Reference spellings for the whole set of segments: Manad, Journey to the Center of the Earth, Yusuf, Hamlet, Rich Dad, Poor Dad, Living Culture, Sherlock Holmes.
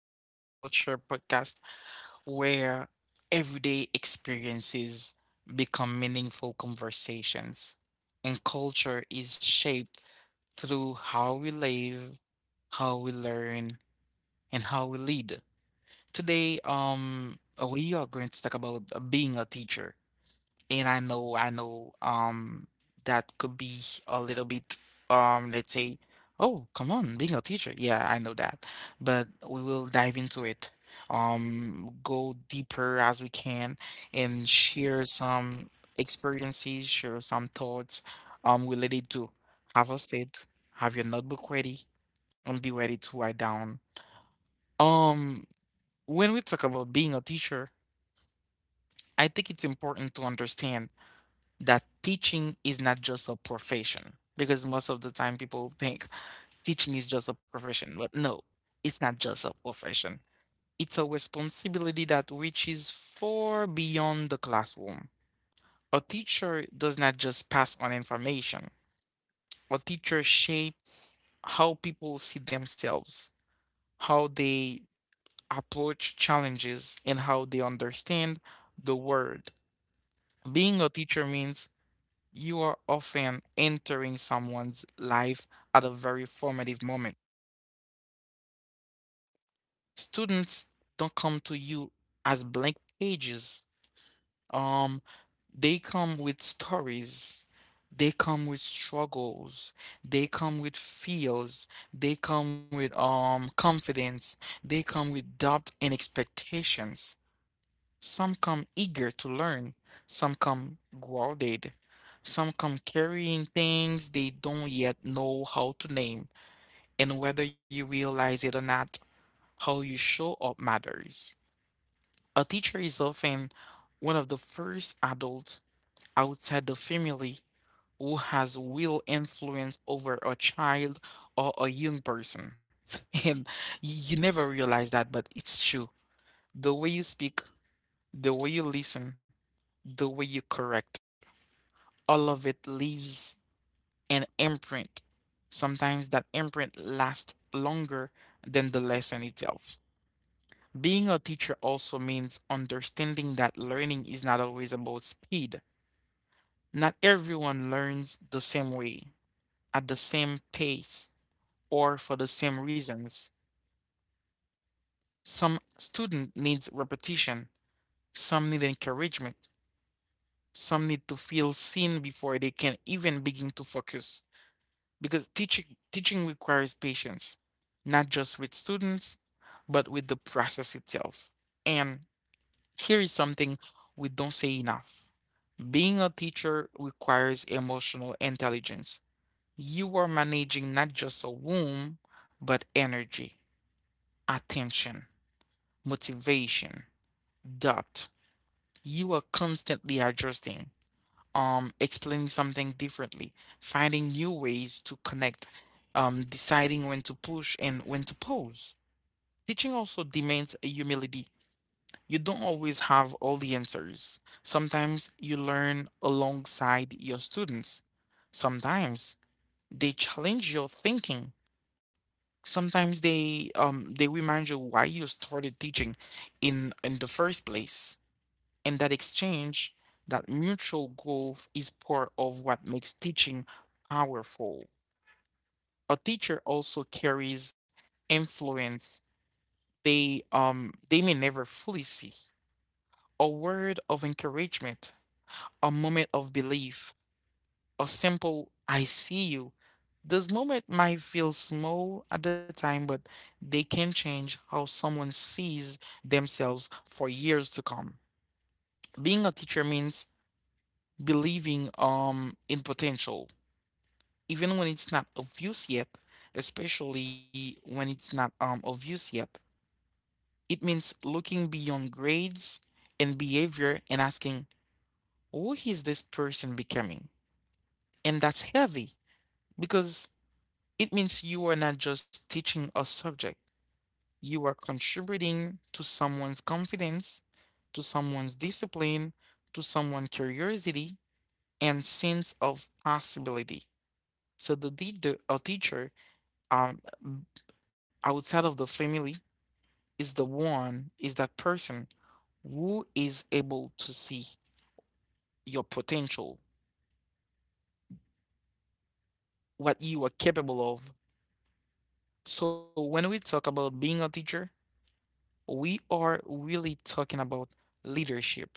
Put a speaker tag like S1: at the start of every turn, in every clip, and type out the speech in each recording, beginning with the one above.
S1: Living Culture podcast, where everyday experiences become meaningful conversations. And culture is shaped through how we live, how we learn, and how we lead. Today, we are going to talk about being a teacher. And I know, that could be a little bit, let's say, oh, come on, being a teacher. Yeah, I know that. But we will dive into it, go deeper as we can and share some experiences, share some thoughts, related to have a state, have your notebook ready, and be ready to write down. Um, when we talk about being a teacher, I think it's important to understand that teaching is not just a profession, because most of the time people think teaching is just a profession, but no, it's not just a profession. It's a responsibility that reaches far beyond the classroom. A teacher does not just pass on information. A teacher shapes how people see themselves, how they approach challenges, and how they understand the world. Being a teacher means you are often entering someone's life at a very formative moment. Students don't come to you as blank pages. Um, they come with stories. They come with struggles. They come with fears. They come with confidence. They come with doubt and expectations. Some come eager to learn, some come grounded, some come carrying things they don't yet know how to name, and whether you realize it or not, how you show up matters. A teacher is often one of the first adults outside the family who has real influence over a child or a young person. And you never realize that, but it's true. The way you speak, the way you listen, the way you correct, all of it leaves an imprint. Sometimes that imprint lasts longer than the lesson itself. Being a teacher also means understanding that learning is not always about speed. Not everyone learns the same way, at the same pace, or for the same reasons. Some student needs repetition, some need encouragement, some need to feel seen before they can even begin to focus. Because teaching requires patience, not just with students, but with the process itself. And here is something we don't say enough. Being a teacher requires emotional intelligence. You are managing not just a womb, but energy, attention, motivation, doubt. You are constantly adjusting. Explaining something differently, finding new ways to connect, deciding when to push and when to pause. Teaching also demands a humility. You don't always have all the answers. Sometimes you learn alongside your students. Sometimes they challenge your thinking. Sometimes they remind you why you started teaching in the first place. And that exchange, that mutual growth is part of what makes teaching powerful. A teacher also carries influence they may never fully see. A word of encouragement, a moment of belief, a simple I see you. This moment might feel small at the time, but they can change how someone sees themselves for years to come. Being a teacher means believing in potential even when it's not obvious yet, especially when it's not obvious yet. It means looking beyond grades and behavior and asking who is this person becoming, and that's heavy, because it means you are not just teaching a subject, you are contributing to someone's confidence, to someone's discipline, to someone's curiosity and sense of possibility. So the teacher, a teacher, um, outside of the family, is the one, is that person who is able to see your potential, what you are capable of. So when we talk about being a teacher, we are really talking about leadership.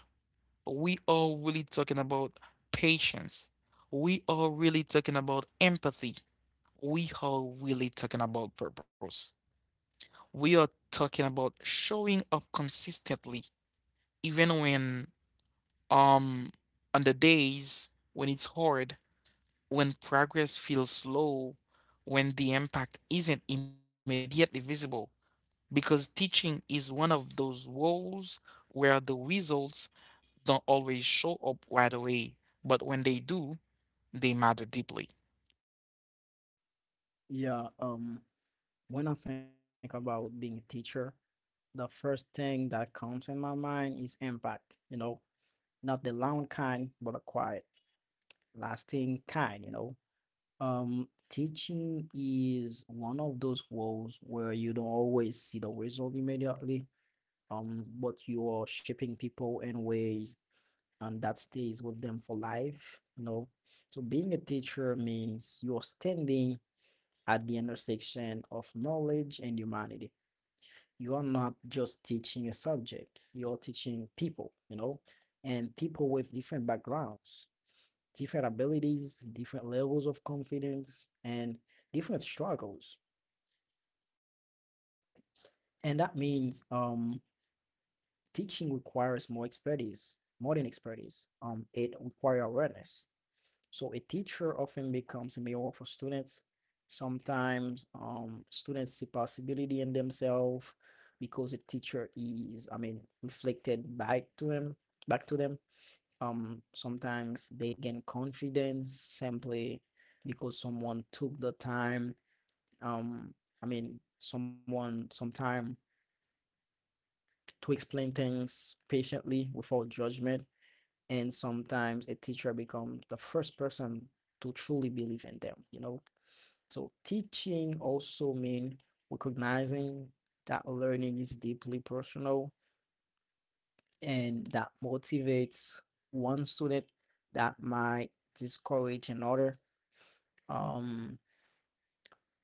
S1: We are really talking about patience. We are really talking about empathy. We are really talking about purpose. We are talking about showing up consistently even when um on the days when it's hard, when progress feels slow, when the impact isn't immediately visible, because teaching is one of those roles where the results don't always show up right away, but when they do, they matter deeply.
S2: Yeah, um, when I think about being a teacher, the first thing that comes in my mind is impact, you know, not the loud kind, but the quiet, lasting kind. You know. Teaching is one of those roles where you don't always see the result immediately, but you are shaping people in ways and that stays with them for life, you know. So being a teacher means you're standing at the intersection of knowledge and humanity. You are not just teaching a subject, you're teaching people, you know, and people with different backgrounds, different abilities, different levels of confidence and different struggles, and that means teaching requires more expertise, more than expertise, it requires awareness. So a teacher often becomes a mirror for students. Sometimes students see possibility in themselves because the teacher is, reflected back to them. Sometimes they gain confidence simply because someone took the time. Um, Someone some time, to explain things patiently without judgment, and sometimes a teacher becomes the first person to truly believe in them, you know. So teaching also means recognizing that learning is deeply personal, and that motivates one student, that might discourage another. Um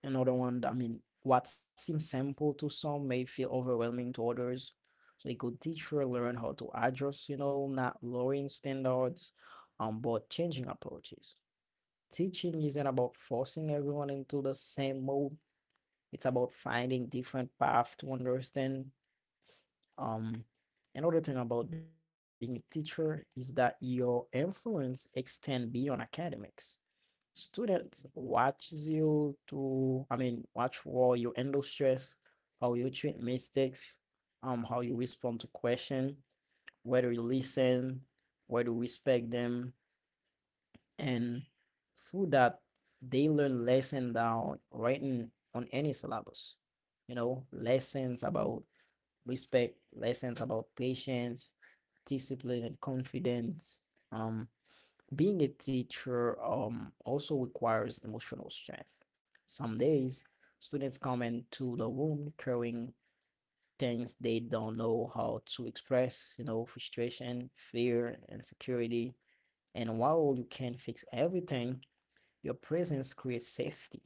S2: Another one, that I mean, what seems simple to some may feel overwhelming to others. So a good teacher learn how to adjust, you know, not lowering standards, but changing approaches. Teaching isn't about forcing everyone into the same mode. It's about finding different paths to understand. Um, another thing about being a teacher is that your influence extend beyond academics. Students watches you to, I mean, watch how you handle stress, how you treat mistakes, how you respond to question, whether you listen, whether you respect them, and through that they learn lesson down writing on any syllabus. You know, lessons about respect, lessons about patience, discipline and confidence. Um, being a teacher also requires emotional strength. Some days, students come into the room carrying things they don't know how to express, you know, frustration, fear, insecurity. And while you can't fix everything, your presence creates safety.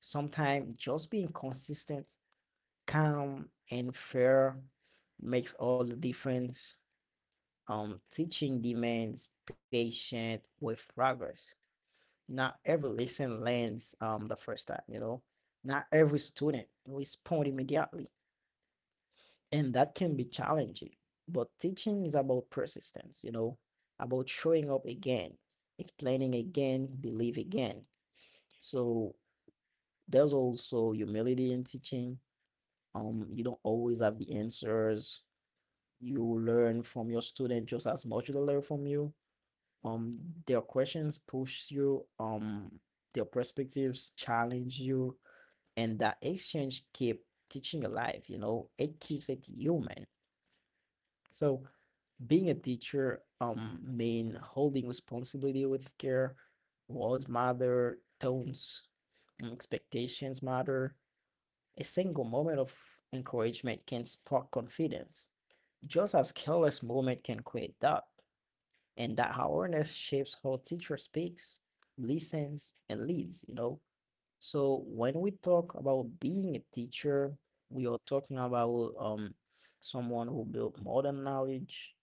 S2: Sometimes just being consistent, calm, and fair makes all the difference. Teaching demands patience with progress. Not every lesson lands the first time, you know. Not every student responds immediately, and that can be challenging. But teaching is about persistence, you know, about showing up again, explaining again, believe again. So there's also humility in teaching. You don't always have the answers. You learn from your student just as much as they learn from you. Um, their questions push you. Their perspectives challenge you, and that exchange keep teaching alive. You know, it keeps it human. So being a teacher mean holding responsibility with care. Words matter, tones and expectations matter. A single moment of encouragement can spark confidence, just as careless moment can create doubt, and that awareness shapes how teacher speaks, listens and leads, you know. So when we talk about being a teacher, we are talking about someone who built modern knowledge.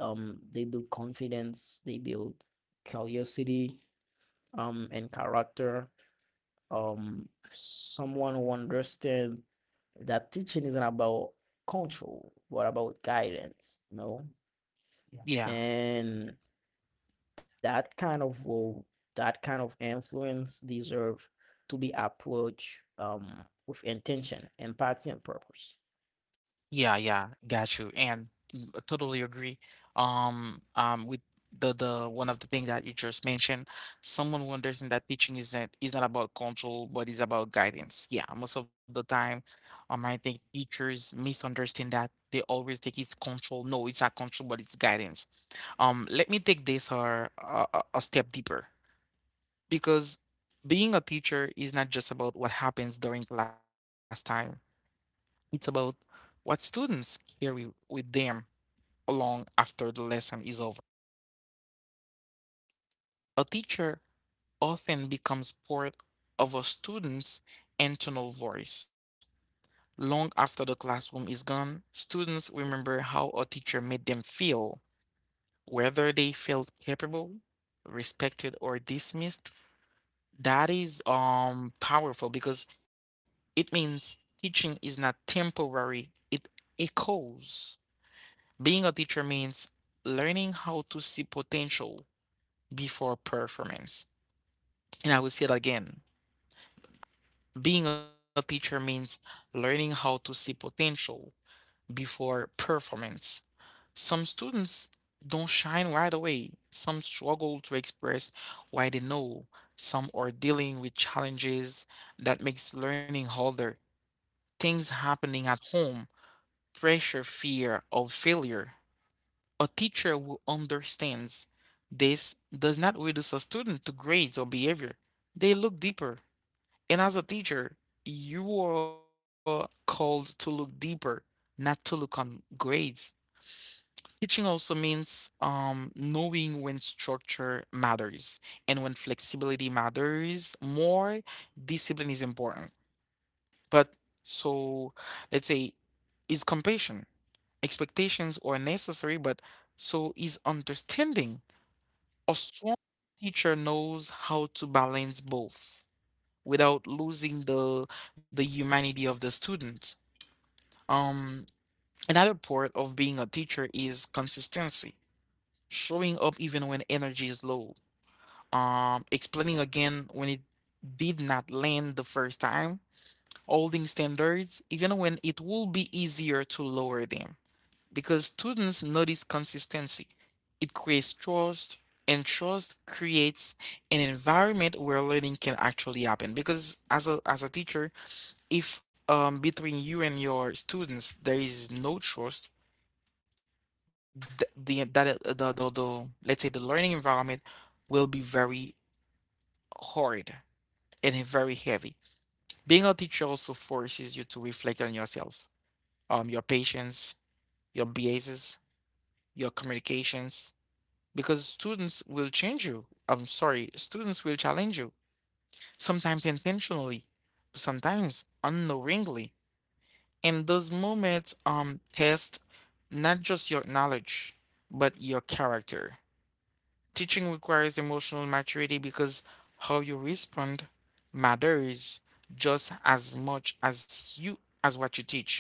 S2: They build confidence, they build curiosity, and character. Someone who understands that teaching isn't about control, but about guidance, you know?
S1: Yeah.
S2: And that kind of role, that kind of influence deserve to be approached with intention, empathy, and purpose.
S1: Yeah, yeah, got you, and mm, I totally agree. With the one of the thing that you just mentioned, someone who understands that teaching isn't is not about control, but is about guidance. Yeah, most of the time, I think teachers misunderstand that. They always think it's control. No, it's not control, but it's guidance. Let me take this or a step deeper, because being a teacher is not just about what happens during class time. It's about what students carry with them along after the lesson is over. A teacher often becomes part of a student's internal voice. Long after the classroom is gone, students remember how a teacher made them feel, whether they felt capable, respected, or dismissed. That is powerful, because it means teaching is not temporary, it echoes. Being a teacher means learning how to see potential before performance. And I will say it again. Being a teacher means learning how to see potential before performance. Some students don't shine right away. Some struggle to express why they know. Some are dealing with challenges that makes learning harder. Things happening at home, pressure, fear of failure. A teacher who understands this does not reduce a student to grades or behavior. They look deeper. And as a teacher, you are called to look deeper, not to look on grades. Teaching also means knowing when structure matters and when flexibility matters more. Discipline is important. But so, let's say, is compassion. Expectations are necessary, but so is understanding. A strong teacher knows how to balance both without losing the humanity of the student. Um, Another part of being a teacher is consistency, showing up even when energy is low, explaining again when it did not land the first time, holding standards even when it will be easier to lower them. Because students notice consistency. It creates trust, and trust creates an environment where learning can actually happen. Because as a teacher, if between you and your students there is no trust, the let's say the learning environment will be very hard and very heavy. Being a teacher also forces you to reflect on yourself, your patience, your biases, your communications, because students will change you. I'm sorry, students will challenge you, sometimes intentionally, sometimes unknowingly. And those moments test not just your knowledge, but your character. Teaching requires emotional maturity, because how you respond matters just as much as you as what you teach.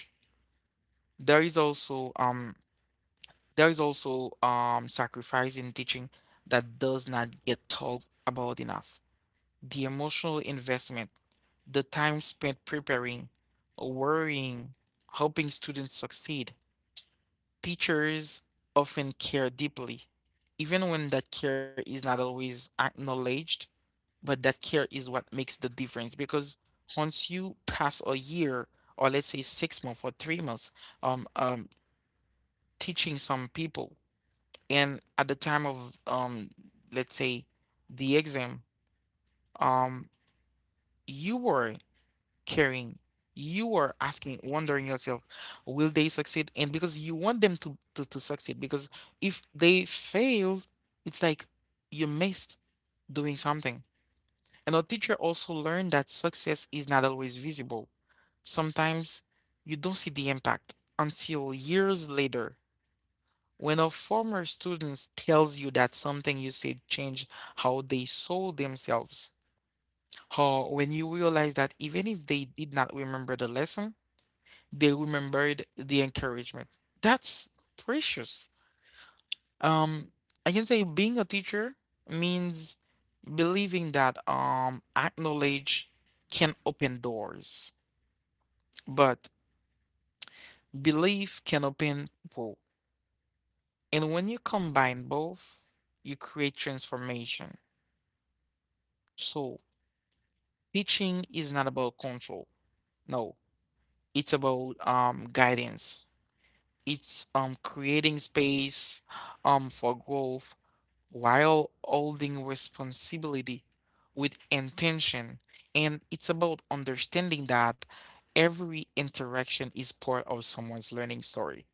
S1: There is also um there is also sacrifice in teaching that does not get talked about enough. The emotional investment, the time spent preparing, worrying, helping students succeed. Teachers often care deeply, even when that care is not always acknowledged, but that care is what makes the difference, because once you pass a year, or let's say 6 months or 3 months, um, um, teaching some people, and at the time of let's say the exam, um, you were caring. You are asking, wondering yourself, will they succeed? And because you want them to succeed, because if they fail, it's like you missed doing something. And our teacher also learned that success is not always visible. Sometimes you don't see the impact until years later. When a former student tells you that something you said changed how they saw themselves, or when you realize that even if they did not remember the lesson, they remembered the encouragement. That's precious. Um, I can say being a teacher means believing that knowledge can open doors, but belief can open people. And when you combine both, you create transformation. So teaching is not about control. No, it's about guidance. It's creating space for growth while holding responsibility with intention. And it's about understanding that every interaction is part of someone's learning story.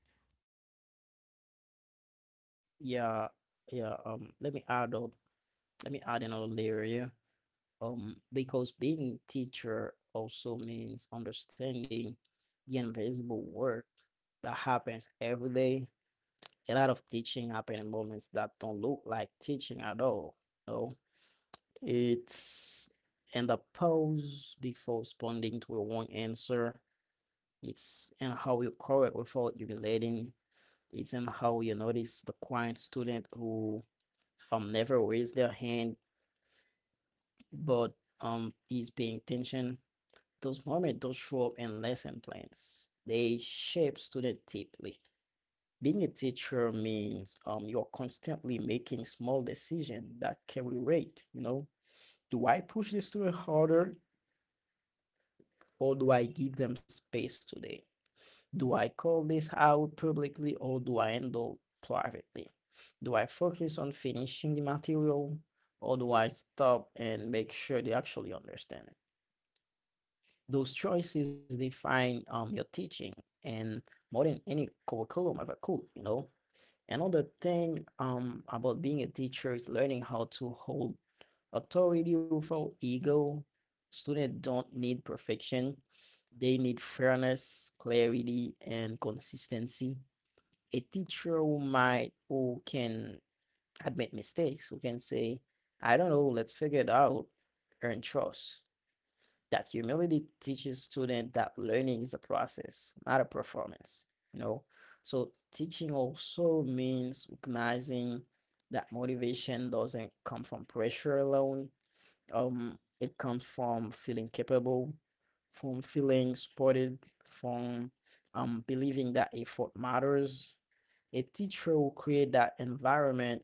S2: Yeah, yeah. Let me add up. Let me add another layer here. Because being teacher also means understanding the invisible work that happens every day. A lot of teaching happen in moments that don't look like teaching at all. No. It's and the pause before responding to a one answer. It's and how you correct without humiliating. It's and how you notice the quiet student who never raised their hand but is paying attention. Those moments don't show up in lesson plans. They shape student deeply. Being a teacher means you're constantly making small decisions that carry weight, you know. Do I push this student harder or do I give them space today? Do I call this out publicly or do I handle privately? Do I focus on finishing the material or do I stop and make sure they actually understand it? Those choices define your teaching, and more than any curriculum ever could, you know? Another thing about being a teacher is learning how to hold authority without ego. Students don't need perfection. They need fairness, clarity, and consistency. A teacher who can admit mistakes, who can say, I don't know, let's figure it out, earn trust. That humility teaches student that learning is a process, not a performance. You know, so teaching also means recognizing that motivation doesn't come from pressure alone. It comes from feeling capable, from feeling supported, from believing that effort matters. A teacher will create that environment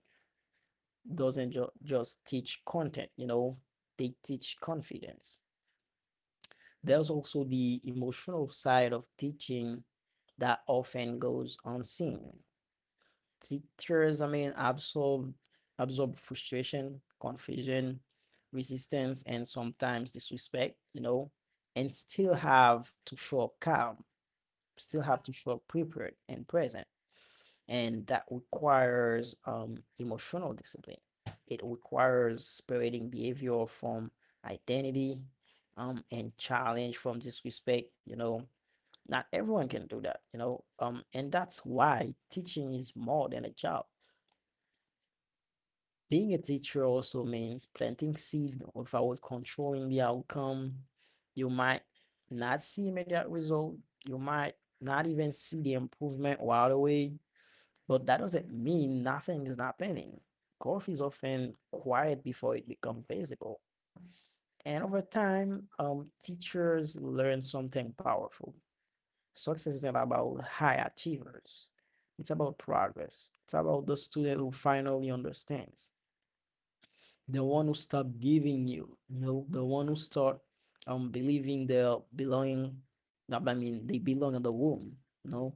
S2: doesn't just teach content. You know, they teach confidence. There's also the emotional side of teaching that often goes unseen. Teachers absorb frustration, confusion, resistance, and sometimes disrespect, you know, and still have to show up calm, still have to show up prepared and present. And that requires emotional discipline. It requires separating behavior from identity, and challenge from disrespect, you know. Not everyone can do that, you know. And that's why teaching is more than a job. Being a teacher also means planting seed without controlling the outcome. You might not see immediate result. You might not even see the improvement right away. But that doesn't mean nothing is not happening. Growth is often quiet before it becomes visible. And over time, teachers learn something powerful. Success isn't about high achievers. It's about progress. It's about the student who finally understands. The one who stop giving you, you know, the one who start believing they are belonging, they belong in the womb, you know.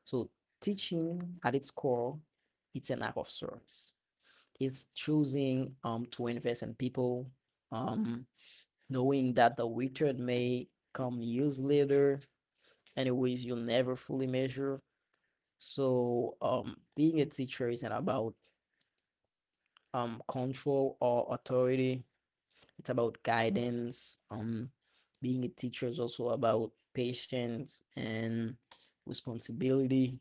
S2: So teaching at its core, it's an act of service. It's choosing to invest in people, um, knowing that the return may come years later, anyways you'll never fully measure. So, being a teacher isn't about control or authority. It's about guidance. Being a teacher is also about patience and responsibility.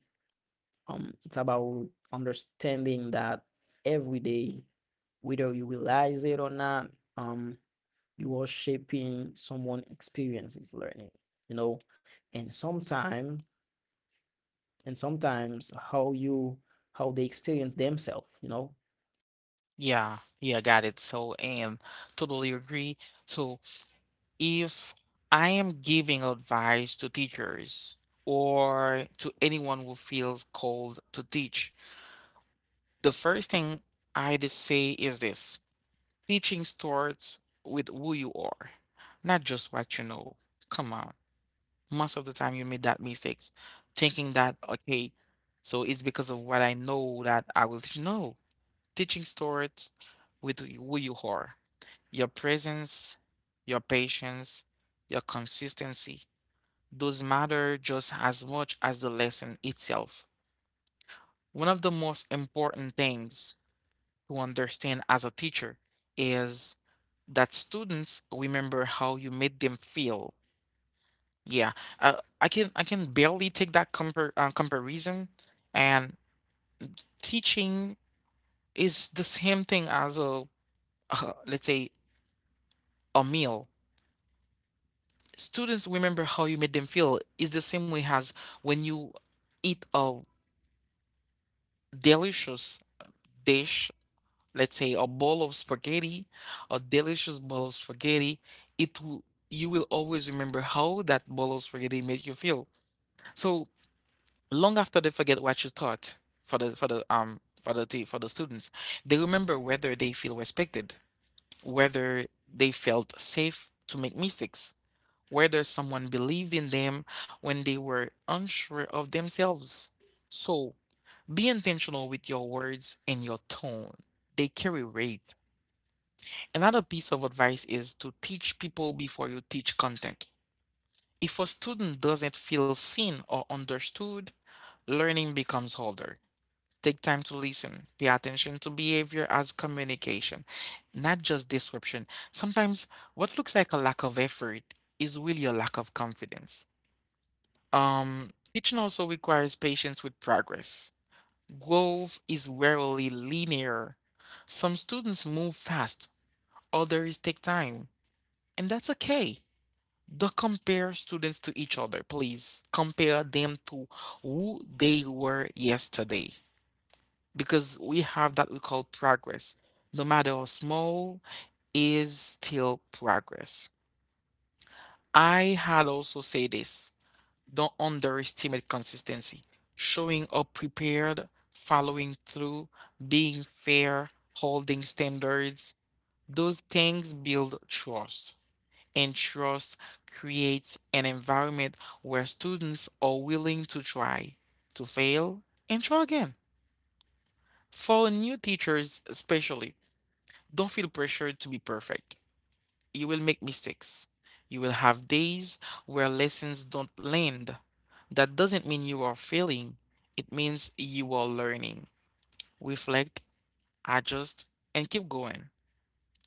S2: It's about understanding that every day, whether you realize it or not, um, you are shaping someone experiences learning, you know, and sometimes and sometimes how you how they experience themselves, you know.
S1: Yeah, yeah, got it. So, and totally agree. So, if I am giving advice to teachers or to anyone who feels called to teach, the first thing I'd say is this. Teaching starts with who you are, not just what you know. Come on. Most of the time you made that mistakes, thinking that, okay, so it's because of what I know that I will teach. No. Teaching starts with who you are, your presence, your patience, your consistency. Those matter just as much as the lesson itself. One of the most important things to understand as a teacher is that students remember how you made them feel. Yeah, uh, I can barely take that comparison, and teaching is the same thing as a let's say a meal. Students remember how you made them feel is the same way as when you eat a delicious dish, let's say a bowl of spaghetti, a delicious bowl of spaghetti, it will you will always remember how that bowl of spaghetti made you feel. So long after they forget what you taught for the students, they remember whether they feel respected, whether they felt safe to make mistakes, whether someone believed in them when they were unsure of themselves. So be intentional with your words and your tone. They carry weight. Another piece of advice is to teach people before you teach content. If a student doesn't feel seen or understood, learning becomes harder. Take time to listen. Pay attention to behavior as communication, not just disruption. Sometimes what looks like a lack of effort is really a lack of confidence. Teaching also requires patience with progress. Growth is rarely linear. Some students move fast, others take time, and that's okay. Don't compare students to each other, please. Compare them to who they were yesterday. Because we have that we call progress. No matter how small, is still progress. I had also say this. Don't underestimate consistency. Showing up prepared, following through, being fair, holding standards. Those things build trust, and trust creates an environment where students are willing to try, to fail, and try again. For new teachers, especially, don't feel pressured to be perfect. You will make mistakes. You will have days where lessons don't land. That doesn't mean you are failing, it means you are learning. Reflect, adjust, and keep going.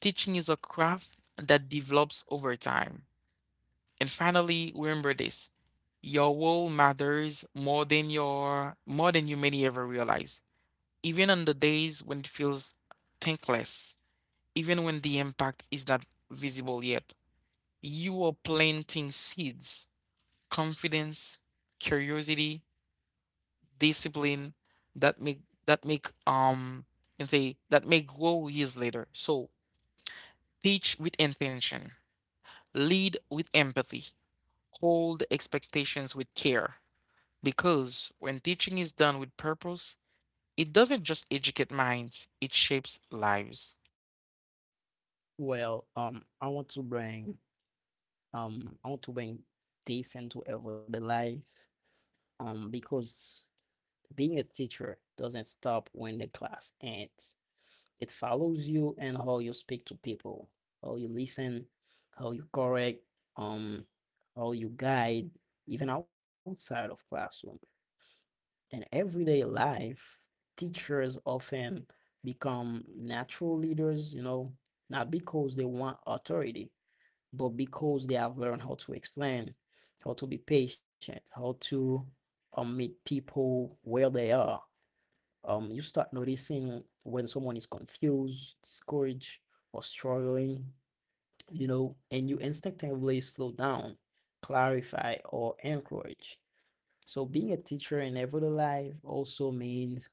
S1: Teaching is a craft that develops over time. And finally, remember this. Your role matters more than your more than you may ever realize. Even on the days when it feels thankless, even when the impact is not visible yet, you are planting seeds, confidence, curiosity, discipline that make that make and say that may grow years later. So teach with intention, lead with empathy, hold expectations with care, because when teaching is done with purpose, it doesn't just educate minds, it shapes lives.
S2: Well, I want to bring this into everyday life, because being a teacher doesn't stop when the class ends. It follows you and how you speak to people, how you listen, how you correct, um, how you guide, even outside of classroom. In everyday life, teachers often become natural leaders, you know, not because they want authority but because they have learned how to explain, how to be patient, how to meet people where they are. Um, you start noticing when someone is confused, discouraged, or struggling, you know, and you instinctively slow down, clarify, or encourage. So being a teacher in everyday life also means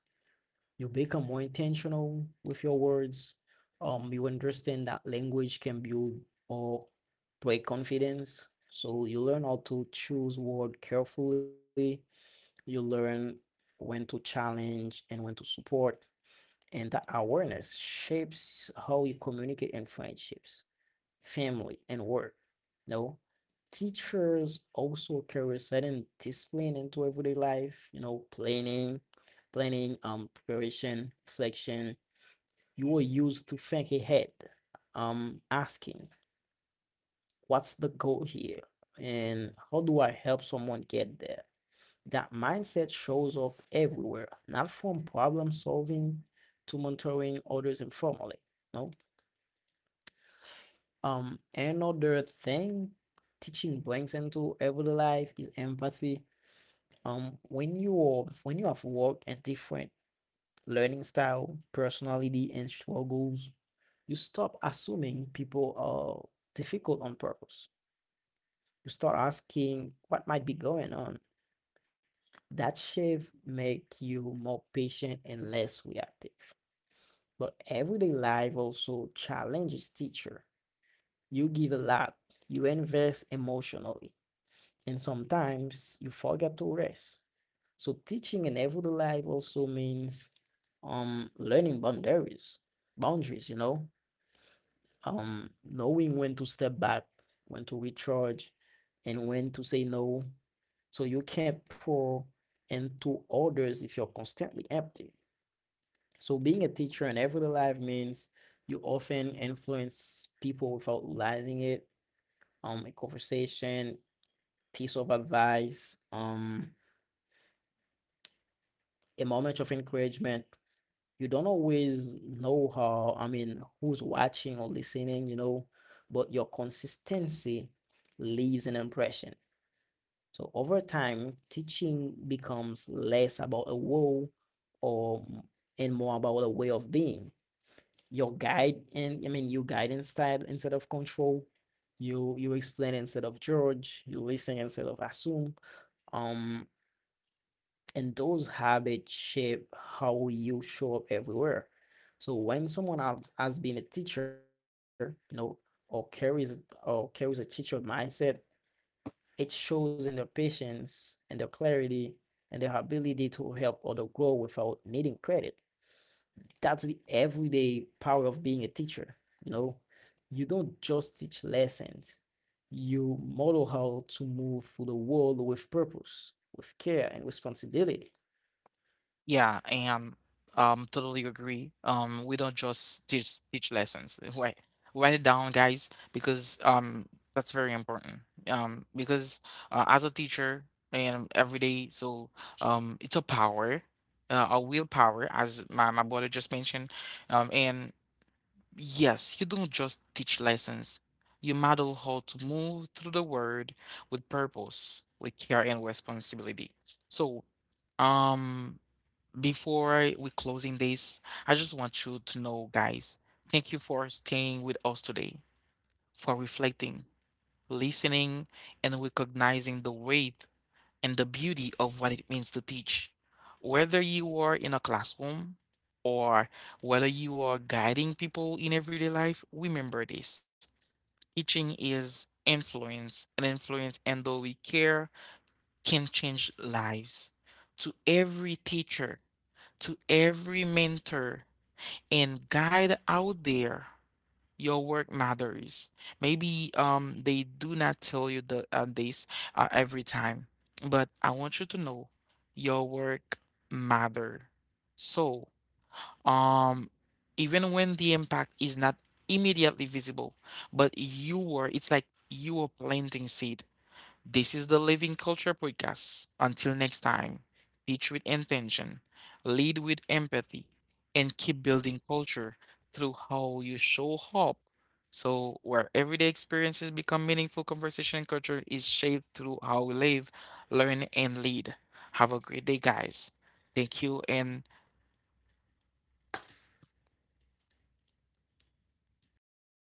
S2: you become more intentional with your words. You understand that language can build or break confidence, so you learn how to choose word carefully. You learn when to challenge and when to support, and that awareness shapes how you communicate in friendships, family, and work. No, teachers also carry certain discipline into everyday life, you know, planning, preparation, reflection. You were used to think ahead, asking, what's the goal here? And how do I help someone get there? That mindset shows up everywhere, not from problem solving to mentoring others informally. No. Another thing teaching brings into everyday life is empathy. When you have worked at different learning style, personality, and struggles, you stop assuming people are difficult on purpose. You start asking what might be going on. That shift make you more patient and less reactive. But everyday life also challenges teacher. You give a lot, you invest emotionally and sometimes you forget to rest. So teaching in everyday life also means learning boundaries, you know, knowing when to step back, when to recharge, and when to say no. So you can't pour into others if you're constantly empty. So being a teacher in everyday life means you often influence people without realizing it. A conversation, piece of advice, a moment of encouragement. You don't always know how, I mean, who's watching or listening, you know, but your consistency leaves an impression. So over time, teaching becomes less about a role or and more about a way of being. Your guide and I mean you guide instead of control. You explain instead of judge. You listen instead of assume. Um, and those habits shape how you show up everywhere. So when someone has been a teacher, you know, or carries or carries a teacher mindset, it shows in their patience and their clarity and their ability to help other grow without needing credit. That's the everyday power of being a teacher. You know, you don't just teach lessons. You model how to move through the world with purpose, with care and responsibility.
S1: Yeah, and totally agree. We don't just teach lessons. Write write it down, guys, because that's very important. Because as a teacher and every day, so it's a power, a willpower, as my brother just mentioned. And yes, you don't just teach lessons. You model how to move through the world with purpose, with care and responsibility. So, um, before we closing this, I just want you to know, guys, thank you for staying with us today, for reflecting, listening, and recognizing the weight and the beauty of what it means to teach. Whether you are in a classroom or whether you are guiding people in everyday life, remember this. Teaching is influence, and influence, and though we care, can change lives. To every teacher, to every mentor and guide out there, your work matters. Maybe they do not tell you the this every time, but I want you to know your work matter. So, um even when the impact is not immediately visible, but you were it's like you were planting seed. This is the Living Culture podcast. Until next time, teach with intention, lead with empathy, and keep building culture through how you show up. So, where everyday experiences become meaningful, conversation culture is shaped through how we live, learn, and lead. Have a great day, guys. Thank you and